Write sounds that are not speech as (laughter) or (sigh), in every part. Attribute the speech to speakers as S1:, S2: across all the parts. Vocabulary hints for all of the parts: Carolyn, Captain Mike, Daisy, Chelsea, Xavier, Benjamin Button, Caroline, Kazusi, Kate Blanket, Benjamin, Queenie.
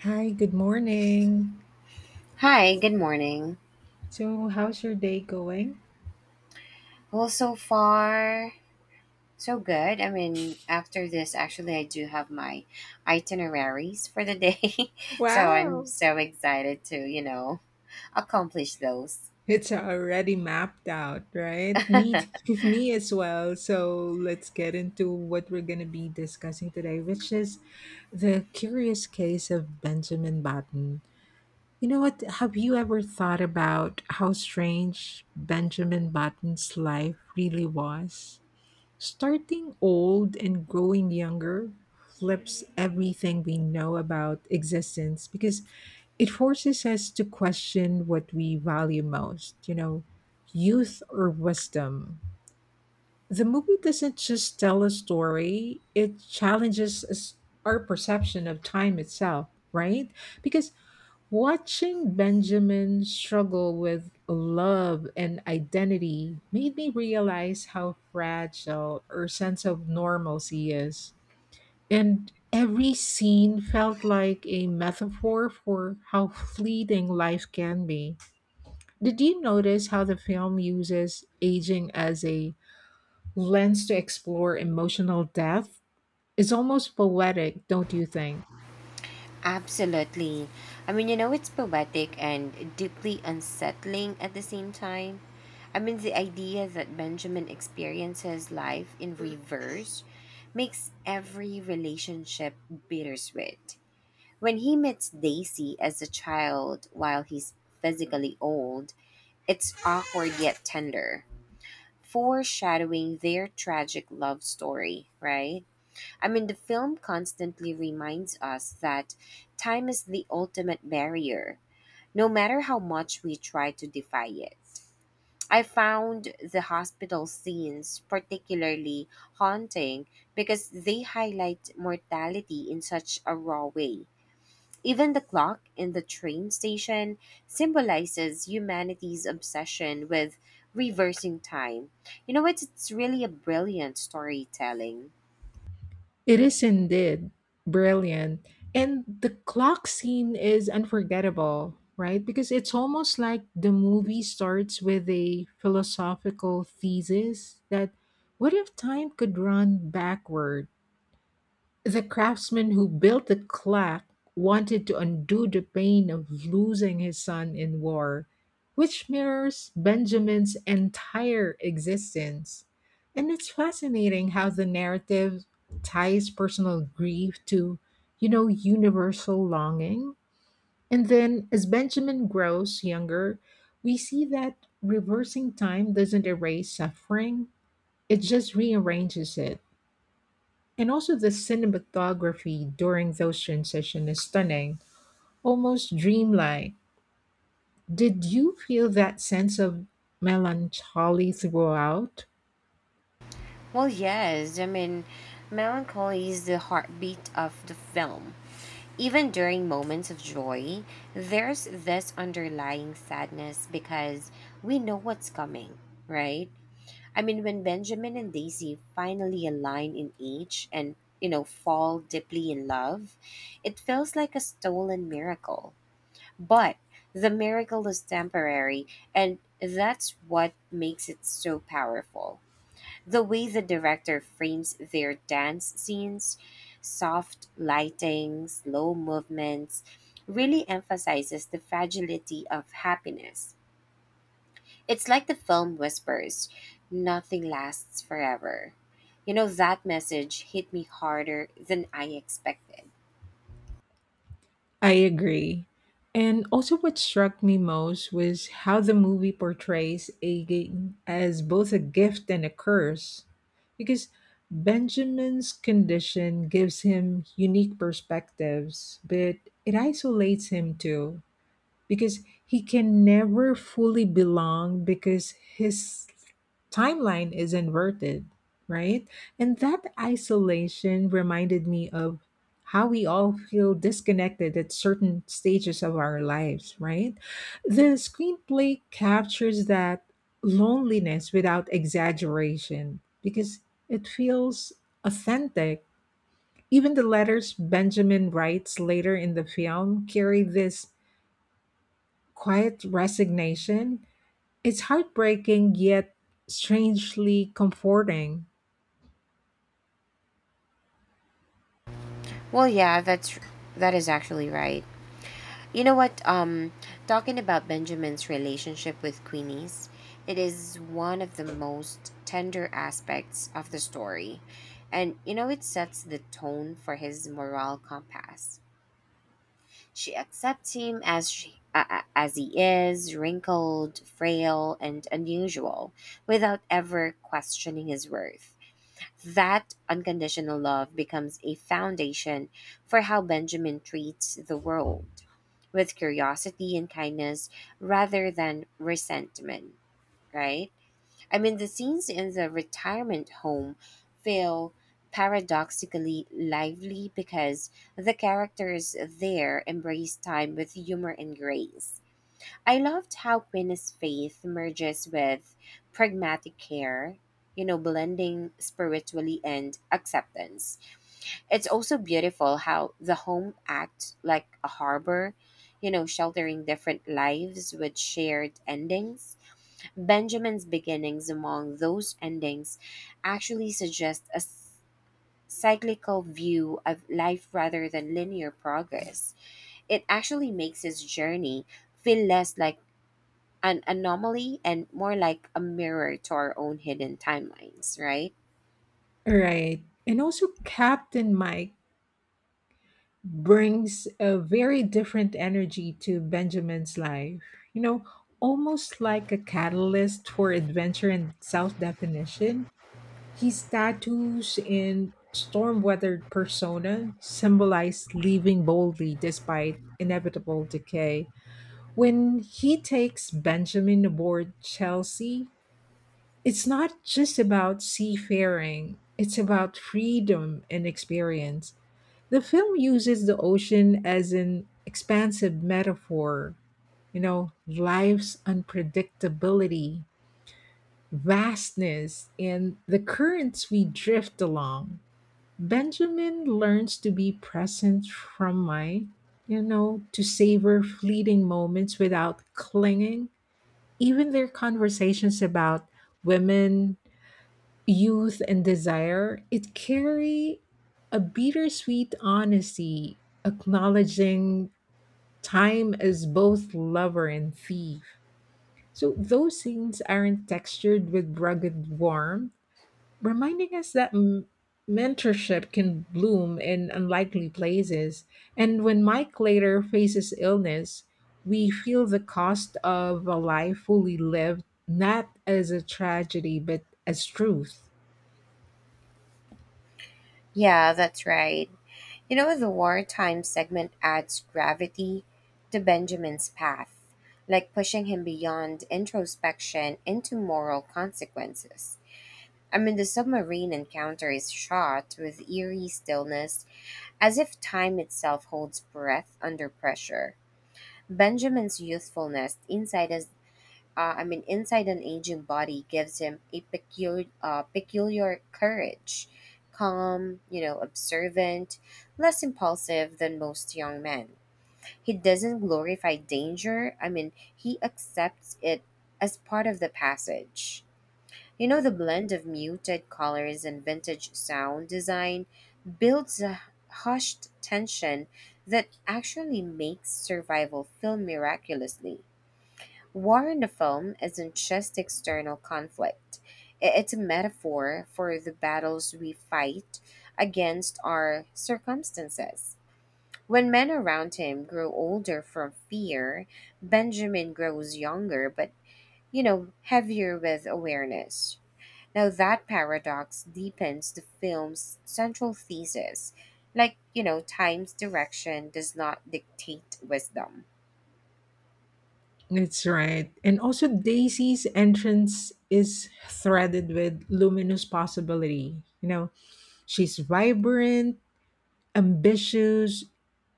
S1: Hi, good morning.
S2: Hi, good morning.
S1: So, how's your day going?
S2: Well, so far, so good. After this, actually, I do have my itineraries for the day. (laughs) So I'm
S1: Wow,
S2: so excited to, accomplish those.
S1: it's already mapped out, right?
S2: (laughs)
S1: (laughs) Me as well. So, let's get into what we're going to be discussing today, which is the curious case of Benjamin Button. You know what? Have you ever thought about how strange Benjamin Button's life really was? Starting old and growing younger flips everything we know about existence because it forces us to question what we value most, you know, youth or wisdom. The movie doesn't just tell a story, it challenges us, our perception of time itself, right? Because watching Benjamin struggle with love and identity made me realize how fragile her sense of normalcy is. And every scene felt like a metaphor for how fleeting life can be. Did you notice how the film uses aging as a lens to explore emotional death? It's almost poetic, don't you think?
S2: Absolutely. It's poetic and deeply unsettling at the same time. The idea that Benjamin experiences life in reverse makes every relationship bittersweet. When he meets Daisy as a child while he's physically old, it's awkward yet tender, foreshadowing their tragic love story, right? The film constantly reminds us that time is the ultimate barrier, no matter how much we try to defy it. I found the hospital scenes particularly haunting because they highlight mortality in such a raw way. Even the clock in the train station symbolizes humanity's obsession with reversing time. You know what? It's really a brilliant storytelling.
S1: It is indeed brilliant. And the clock scene is unforgettable, right? Because it's almost like the movie starts with a philosophical thesis that, what if time could run backward? The craftsman who built the clock wanted to undo the pain of losing his son in war, which mirrors Benjamin's entire existence. And it's fascinating how the narrative ties personal grief to, you know, universal longing. And then as Benjamin grows younger, we see that reversing time doesn't erase suffering, it just rearranges it. And also the cinematography during those transitions is stunning, almost dreamlike. Did you feel that sense of melancholy throughout?
S2: Well, yes, melancholy is the heartbeat of the film. Even during moments of joy, there's this underlying sadness because we know what's coming, right? When Benjamin and Daisy finally align in age and, fall deeply in love, it feels like a stolen miracle. But the miracle is temporary, and that's what makes it so powerful. The way the director frames their dance scenes, soft lighting, slow movements, really emphasizes the fragility of happiness. It's like the film whispers nothing lasts forever. You know, that message hit me harder than I expected.
S1: I agree. And also what struck me most was how the movie portrays aging as both a gift and a curse. Because Benjamin's condition gives him unique perspectives, but it isolates him too because he can never fully belong because his timeline is inverted, right? And that isolation reminded me of how we all feel disconnected at certain stages of our lives, right? The screenplay captures that loneliness without exaggeration because it feels authentic. Even the letters Benjamin writes later in the film carry this quiet resignation. It's heartbreaking yet strangely comforting.
S2: Well, yeah, that is actually right. You know what? Talking about Benjamin's relationship with Queenie's, it is one of the most tender aspects of the story. And you know, it sets the tone for his moral compass. She accepts him as she a- as he is, wrinkled, frail, and unusual, without ever questioning his worth. That unconditional love becomes a foundation for how Benjamin treats the world with curiosity and kindness rather than resentment, right? The scenes in the retirement home feel paradoxically lively because the characters there embrace time with humor and grace. I loved how Queen's faith merges with pragmatic care, blending spiritually and acceptance. It's also beautiful how the home acts like a harbor, sheltering different lives with shared endings. Benjamin's beginnings among those endings actually suggest cyclical view of life rather than linear progress. It actually makes his journey feel less like an anomaly and more like a mirror to our own hidden timelines, right?
S1: Right. And also, Captain Mike brings a very different energy to Benjamin's life, you know, almost like a catalyst for adventure and self definition. His tattoos and storm weathered persona symbolize leaving boldly despite inevitable decay. When he takes Benjamin aboard Chelsea, it's not just about seafaring, it's about freedom and experience. The film uses the ocean as an expansive metaphor, you know, life's unpredictability, vastness, and the currents we drift along. Benjamin learns to be present from my, you know, to savor fleeting moments without clinging, even their conversations about women, youth, and desire, it carry a bittersweet honesty, acknowledging time as both lover and thief. So those scenes aren't textured with rugged warmth, reminding us that mentorship can bloom in unlikely places. And when Mike later faces illness, we feel the cost of a life fully lived, not as a tragedy, but as truth.
S2: Yeah, that's right. You know, the wartime segment adds gravity to Benjamin's path, like pushing him beyond introspection into moral consequences. The submarine encounter is shot with eerie stillness, as if time itself holds breath under pressure. Benjamin's youthfulness inside his, I mean, inside an aging body gives him a peculiar courage, calm, observant, less impulsive than most young men. He doesn't glorify danger. He accepts it as part of the passage. You know, the blend of muted colors and vintage sound design builds a hushed tension that actually makes survival film miraculously. War in the film isn't just external conflict, it's a metaphor for the battles we fight against our circumstances. When men around him grow older from fear, Benjamin grows younger but, heavier with awareness. Now, that paradox deepens the film's central thesis. Like, you know, time's direction does not dictate wisdom.
S1: That's right. And also, Daisy's entrance is threaded with luminous possibility. You know, she's vibrant, ambitious,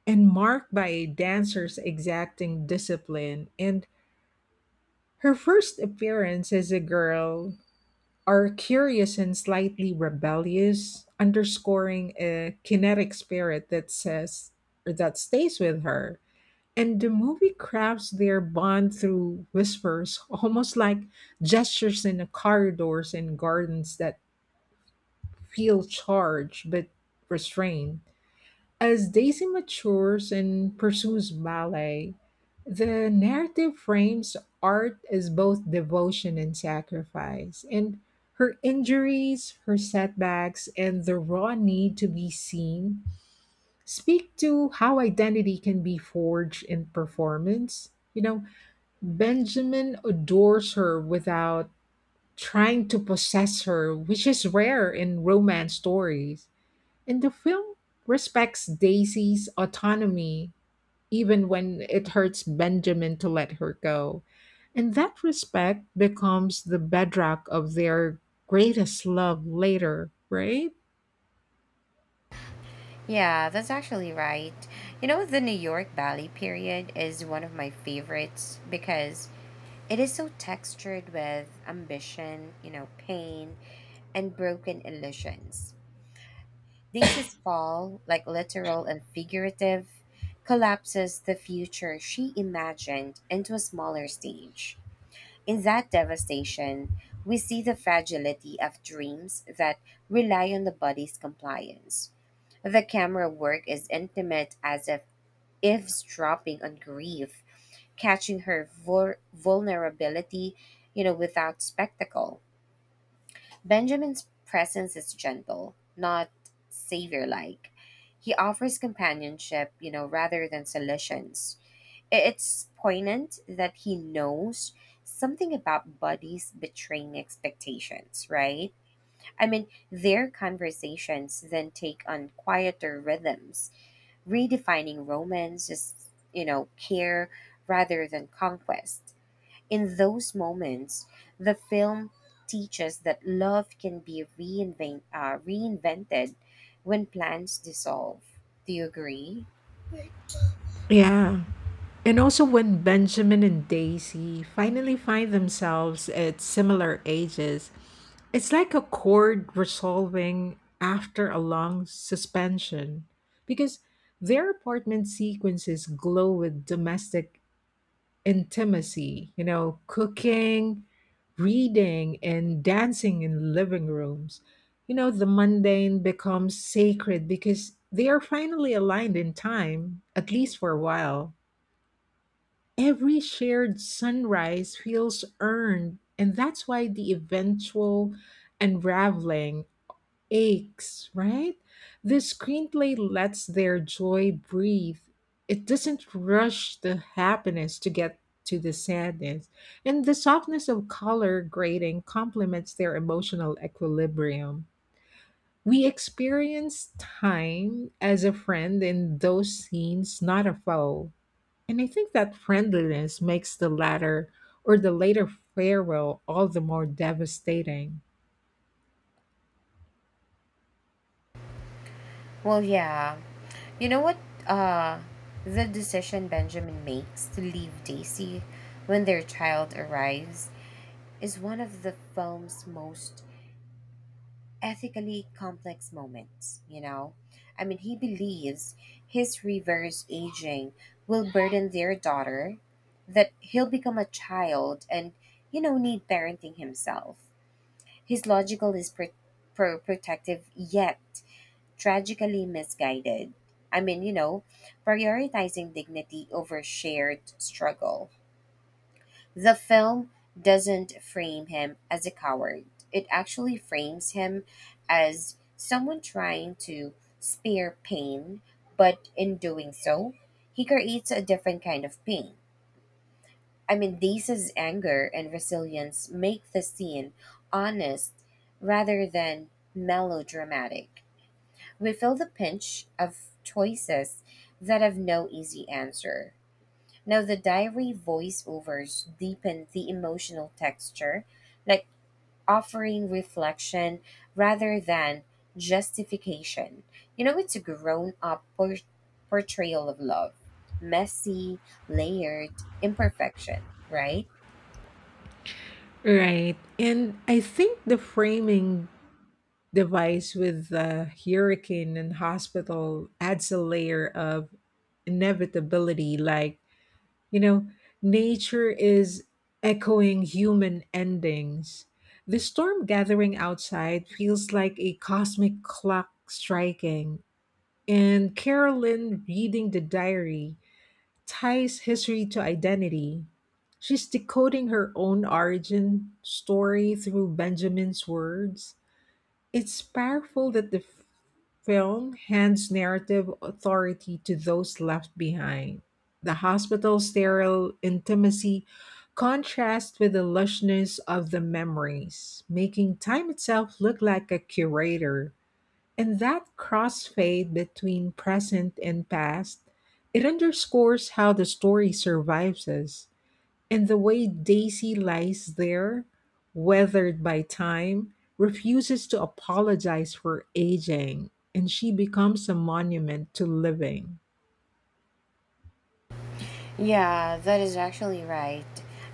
S1: and marked by a dancer's exacting discipline. And her first appearance as a girl are curious and slightly rebellious, underscoring a kinetic spirit that says, or that stays with her. And the movie crafts their bond through whispers, almost like gestures in the corridors and gardens that feel charged but restrained. As Daisy matures and pursues ballet, the narrative frames art as both devotion and sacrifice, and her injuries, her setbacks, and the raw need to be seen speak to how identity can be forged in performance. You know, Benjamin adores her without trying to possess her, which is rare in romance stories. And the film respects Daisy's autonomy, even when it hurts Benjamin to let her go. And that respect becomes the bedrock of their greatest love later, right?
S2: Yeah, that's actually right. You know, the New York Valley period is one of my favorites because it is so textured with ambition, pain, and broken illusions. Daisy's fall, like literal and figurative, collapses the future she imagined into a smaller stage. In that devastation, we see the fragility of dreams that rely on the body's compliance. The camera work is intimate as if eavesdropping on grief, catching her vulnerability, without spectacle. Benjamin's presence is gentle, not savior like. He offers companionship, rather than solutions. It's poignant that he knows something about buddies betraying expectations, right? Their conversations then take on quieter rhythms, redefining romance as, care rather than conquest. In those moments, the film teaches that love can be reinvented when plans dissolve. Do you agree?
S1: Yeah. And also, when Benjamin and Daisy finally find themselves at similar ages, it's like a chord resolving after a long suspension because their apartment sequences glow with domestic intimacy, you know, cooking, reading, and dancing in living rooms. You know, the mundane becomes sacred because they are finally aligned in time, at least for a while. Every shared sunrise feels earned, and that's why the eventual unraveling aches, right? The screenplay lets their joy breathe. It doesn't rush the happiness to get to the sadness, and the softness of color grading complements their emotional equilibrium. We experience time as a friend in those scenes, not a foe. And I think that friendliness makes the latter, or the later farewell all the more devastating.
S2: Well, yeah. You know what? Uh, the decision Benjamin makes to leave Daisy when their child arrives is one of the film's most ethically complex moments, you know? He believes his reverse aging will burden their daughter, that he'll become a child and, need parenting himself. His logical is protective, yet tragically misguided. I mean, you know, prioritizing dignity over shared struggle. The film doesn't frame him as a coward, it actually frames him as someone trying to spare pain, but in doing so, he creates a different kind of pain. Daisa's anger and resilience make the scene honest rather than melodramatic. We feel the pinch of choices that have no easy answer. Now, the diary voiceovers deepen the emotional texture, like offering reflection rather than justification. You know, it's a grown up portrayal of love, messy, layered, imperfection, right?
S1: Right. And I think the framing device with the hurricane and hospital adds a layer of inevitability. Like, you know, nature is echoing human endings. The storm gathering outside feels like a cosmic clock striking. And Carolyn reading the diary ties history to identity. She's decoding her own origin story through Benjamin's words. It's powerful that the film hands narrative authority to those left behind. The hospital sterile intimacy contrasts with the lushness of the memories, making time itself look like a curator, and that crossfade between present and past, it underscores how the story survives us, and the way Daisy lies there, weathered by time, refuses to apologize for aging, and she becomes a monument to living.
S2: Yeah, that is actually right.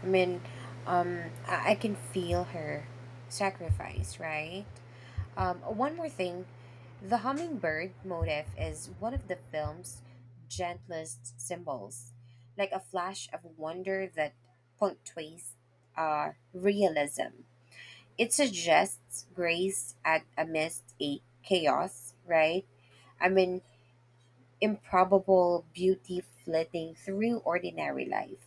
S2: I mean, I can feel her sacrifice, right? One more thing, the hummingbird motif is one of the film's gentlest symbols, like a flash of wonder that punctuates realism. It suggests grace at amidst a chaos, right? I mean, improbable beauty flitting through ordinary life.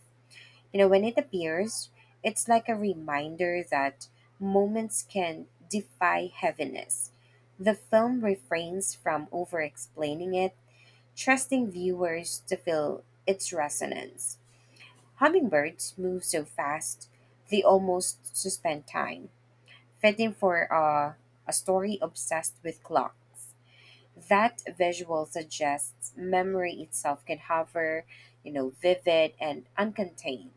S2: You know, when it appears, it's like a reminder that moments can defy heaviness. The film refrains from over explaining it, trusting viewers to feel its resonance. Hummingbirds move so fast, they almost suspend time, fitting for a story obsessed with clocks. That visual suggests memory itself can hover, vivid and uncontained.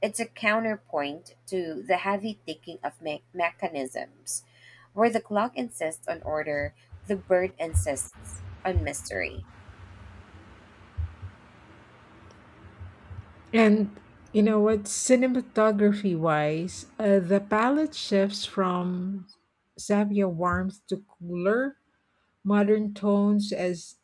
S2: It's a counterpoint to the heavy thinking of mechanisms, where the clock insists on order, the bird insists on mystery.
S1: And you know what, cinematography wise, the palette shifts from Xavier warmth to cooler modern tones as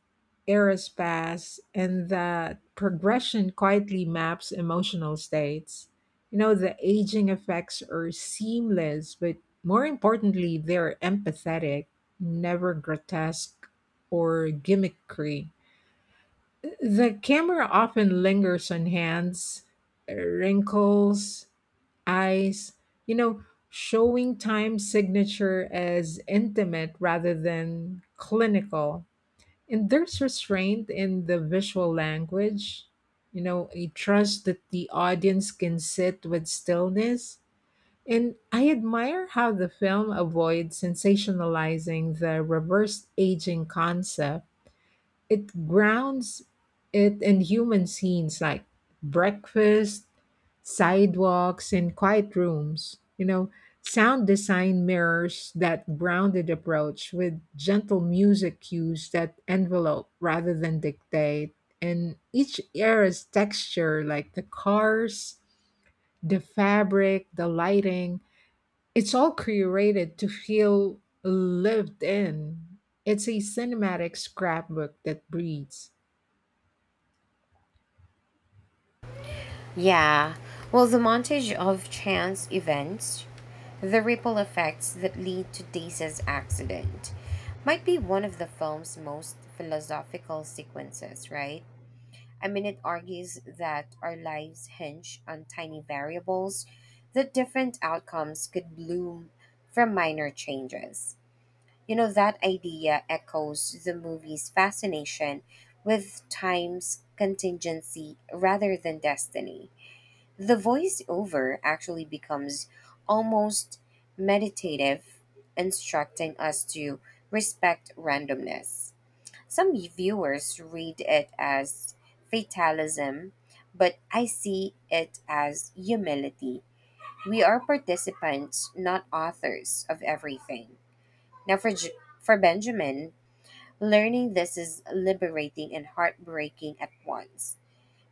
S1: eras pass, and that progression quietly maps emotional states. You know, the aging effects are seamless, but more importantly, they're empathetic, never grotesque or gimmickry. The camera often lingers on hands, wrinkles, eyes, you know, showing time signature as intimate rather than clinical. And there's restraint in the visual language, you know, a trust that the audience can sit with stillness. And I admire how the film avoids sensationalizing the reverse aging concept, it grounds it in human scenes like breakfast, sidewalks, and quiet rooms. You know, sound design mirrors that grounded approach with gentle music cues that envelope rather than dictate. And each era's texture, like the cars, the fabric, the lighting, it's all curated to feel lived in. It's a cinematic scrapbook that breathes.
S2: Yeah, well, the montage of chance events, the ripple effects that lead to Daisy's accident, might be one of the film's most philosophical sequences, right? It argues that our lives hinge on tiny variables, that different outcomes could bloom from minor changes. You know, that idea echoes the movie's fascination with time's contingency rather than destiny. The voiceover actually becomes almost meditative, instructing us to respect randomness. Some viewers read it as fatalism, but I see it as humility. We are participants, not authors of everything. Now, for Benjamin, learning this is liberating and heartbreaking at once.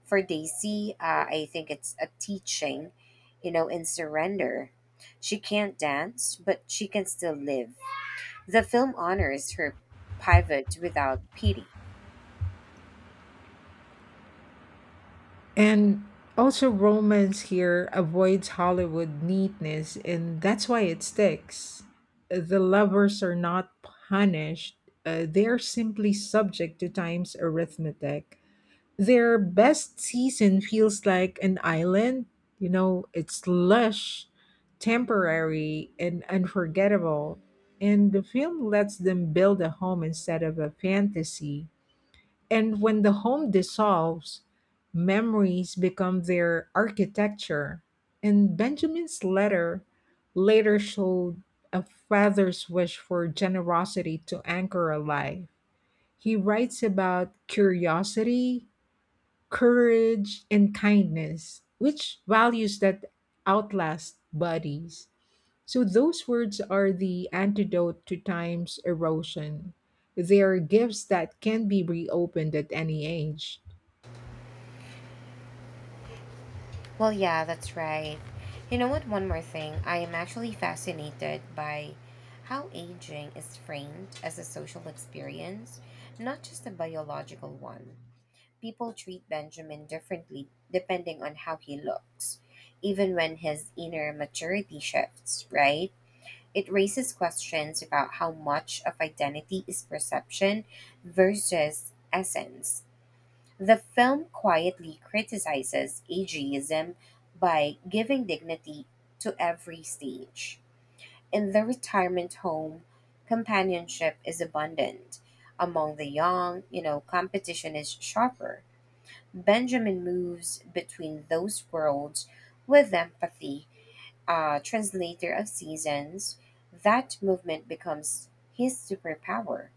S2: For Daisy, I think it's a teaching, in surrender. She can't dance, but she can still live. The film honors her pivot without pity.
S1: And also, romance here avoids Hollywood neatness, and that's why it sticks. The lovers are not punished, they're simply subject to time's arithmetic. Their best season feels like an island. You know, it's lush, temporary, and unforgettable. And the film lets them build a home instead of a fantasy. And when the home dissolves, memories become their architecture. And Benjamin's letter later showed a father's wish for generosity to anchor a life. He writes about curiosity, courage, and kindness, which values that outlast bodies. So, those words are the antidote to time's erosion. They are gifts that can be reopened at any age.
S2: Well, yeah, that's right. You know what? One more thing. I am actually fascinated by how aging is framed as a social experience, not just a biological one. People treat Benjamin differently depending on how he looks, even when his inner maturity shifts, right? It raises questions about how much of identity is perception versus essence. The film quietly criticizes ageism by giving dignity to every stage. In the retirement home, companionship is abundant. Among the young, competition is sharper. Benjamin moves between those worlds with empathy, a translator of seasons. That movement becomes his superpower.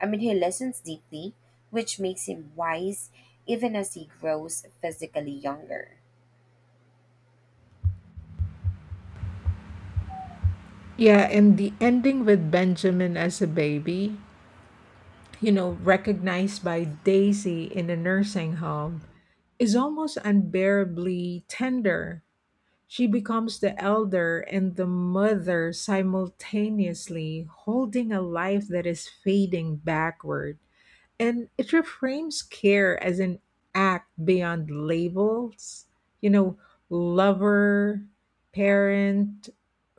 S2: He listens deeply, which makes him wise even as he grows physically younger.
S1: Yeah, and the ending with Benjamin as a baby, you know, recognized by Daisy in a nursing home, is almost unbearably tender. She becomes the elder and the mother simultaneously, holding a life that is fading backward, and it reframes care as an act beyond labels, you know, lover, parent,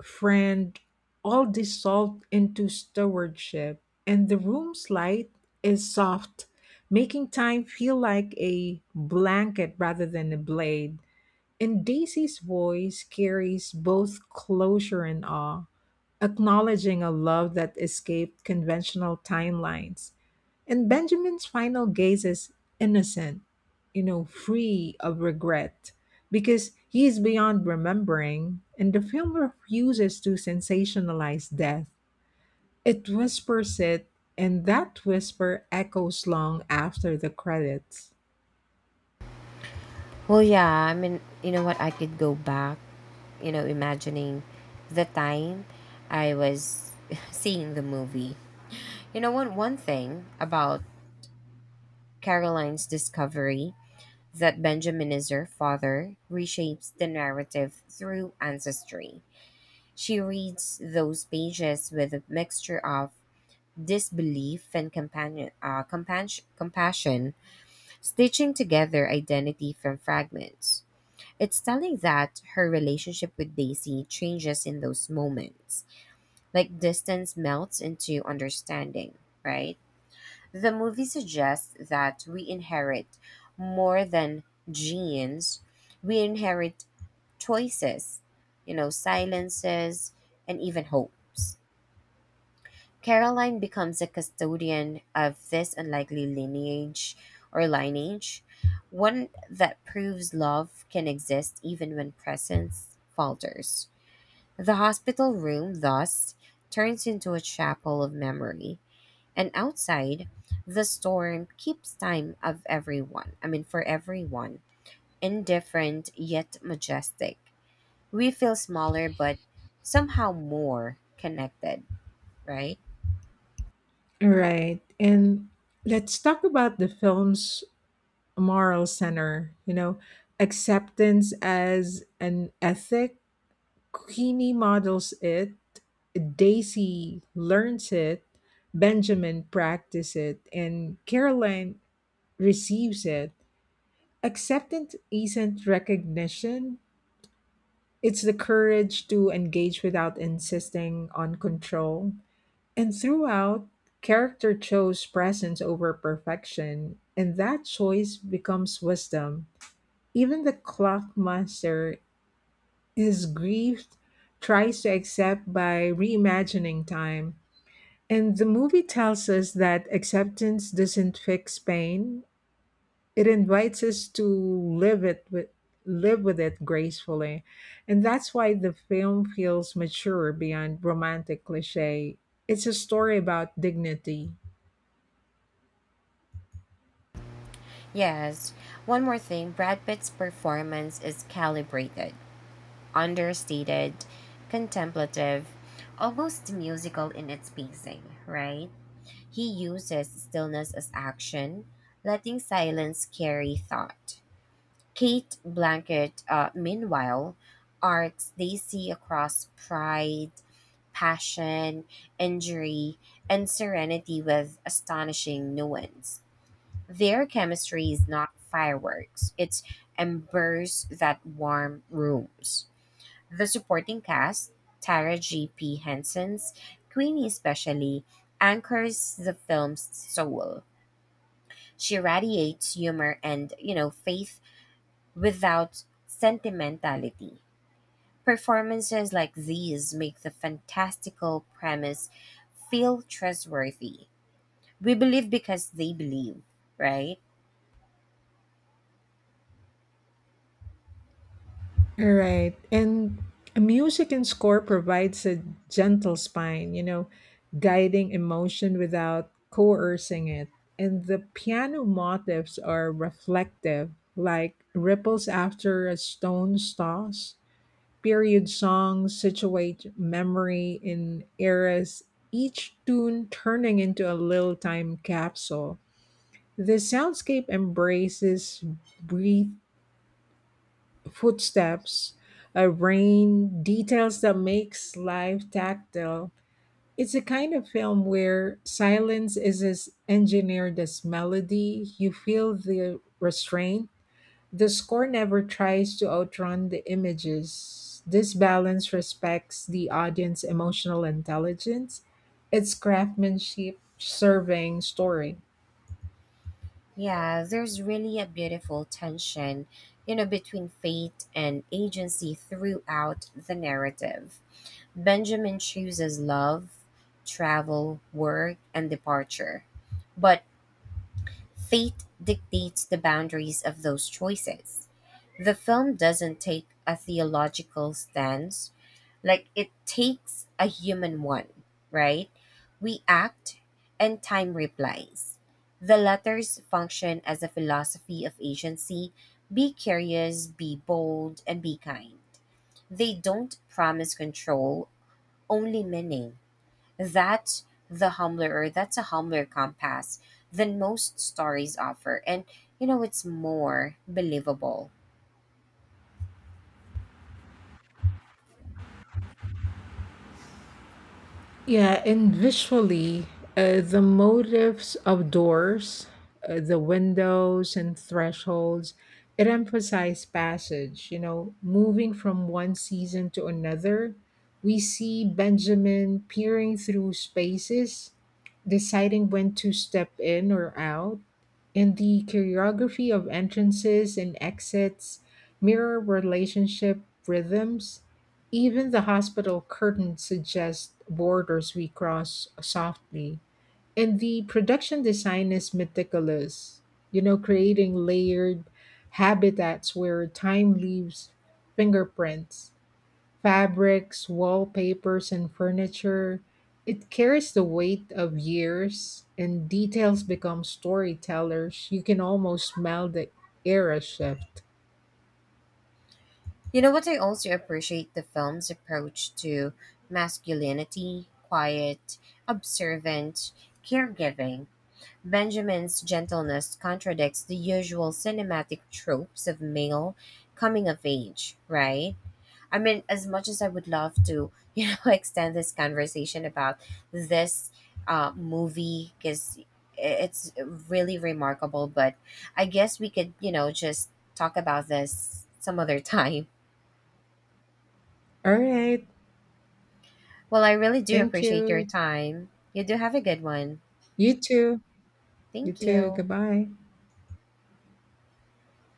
S1: friend, all dissolved into stewardship, and the room's light is soft, making time feel like a blanket rather than a blade, and Daisy's voice carries both closure and awe, acknowledging a love that escaped conventional timelines. And Benjamin's final gaze is innocent, you know, free of regret, because he is beyond remembering, and the film refuses to sensationalize death. It whispers it, and that whisper echoes long after the credits.
S2: Well, yeah, you know what? I could go back, imagining the time I was (laughs) seeing the movie. You know, one thing about Caroline's discovery that Benjamin is her father reshapes the narrative through ancestry. She reads those pages with a mixture of this belief and compassion, stitching together identity from fragments. It's telling that her relationship with Daisy changes in those moments, like distance melts into understanding, right? The movie suggests that we inherit more than genes, we inherit choices, silences, and even hopes. Caroline becomes a custodian of this unlikely lineage, one that proves love can exist even when presence falters. The hospital room, thus, turns into a chapel of memory, and outside, the storm keeps time of everyone, I mean, for everyone, indifferent yet majestic. We feel smaller, but somehow more connected, right?
S1: Right. And let's talk about the film's moral center, you know, acceptance as an ethic. Queenie models it, Daisy learns it, Benjamin practices it, and Caroline receives it. Acceptance isn't recognition, it's the courage to engage without insisting on control. And throughout, character chose presence over perfection, and that choice becomes wisdom. Even the clock master is grieved, tries to accept by reimagining time. And the movie tells us that acceptance doesn't fix pain, it invites us to live it with live with it gracefully, and that's why the film feels mature beyond romantic cliche, it's a story about dignity.
S2: Yes. One more thing, Brad Pitt's performance is calibrated, understated, contemplative, almost musical in its pacing, right? He uses stillness as action, letting silence carry thought. Kate Blanket, meanwhile, arcs Daisy across pride, passion, injury, and serenity with astonishing nuance. Their chemistry is not fireworks, it's embers that warm rooms. The supporting cast, Tara G. P. Henson's Queenie especially, anchors the film's soul. She radiates humor and, faith without sentimentality. Performances like these make the fantastical premise feel trustworthy. We believe because they believe, right?
S1: All right. And music and score provides a gentle spine, you know, guiding emotion without coercing it, and the piano motifs are reflective, like ripples after a stone's toss. Period songs situate memory in eras, each tune turning into a little time capsule. The soundscape embraces breathe, footsteps, a rain, details that makes life tactile. It's a kind of film where silence is as engineered as melody. You feel the restraint, the score never tries to outrun the images. This balance respects the audience's emotional intelligence, its craftsmanship serving story.
S2: Yeah, there's really a beautiful tension, between fate and agency throughout the narrative. Benjamin chooses love, travel, work, and departure, but fate dictates the boundaries of those choices. The film doesn't take a theological stance like it takes a human one, right? We act and time replies. The letters function as a philosophy of agency: be curious, be bold, and be kind. They don't promise control, only meaning. That's a humbler compass than most stories offer. And you know, it's more believable.
S1: Yeah, and visually, the motifs of doors, the windows, and thresholds, it emphasizes passage. You know, moving from one season to another, we see Benjamin peering through spaces, deciding when to step in or out, and the choreography of entrances and exits mirror relationship rhythms, even the hospital curtain suggests borders we cross softly. And the production design is meticulous, you know, creating layered habitats where time leaves fingerprints, fabrics, wallpapers, and furniture. It carries the weight of years, and details become storytellers. You can almost smell the era shift.
S2: You know what, I also appreciate the film's approach to masculinity, quiet, observant, caregiving. Benjamin's gentleness contradicts the usual cinematic tropes of male coming of age, right? As much as I would love to, (laughs) extend this conversation about this movie because it's really remarkable, but I guess we could, just talk about this some other (laughs) time.
S1: All right.
S2: Well, I really do
S1: Thank
S2: appreciate your
S1: you.
S2: time. You do have a good one.
S1: You too. You
S2: Thank
S1: too.
S2: you.
S1: Goodbye.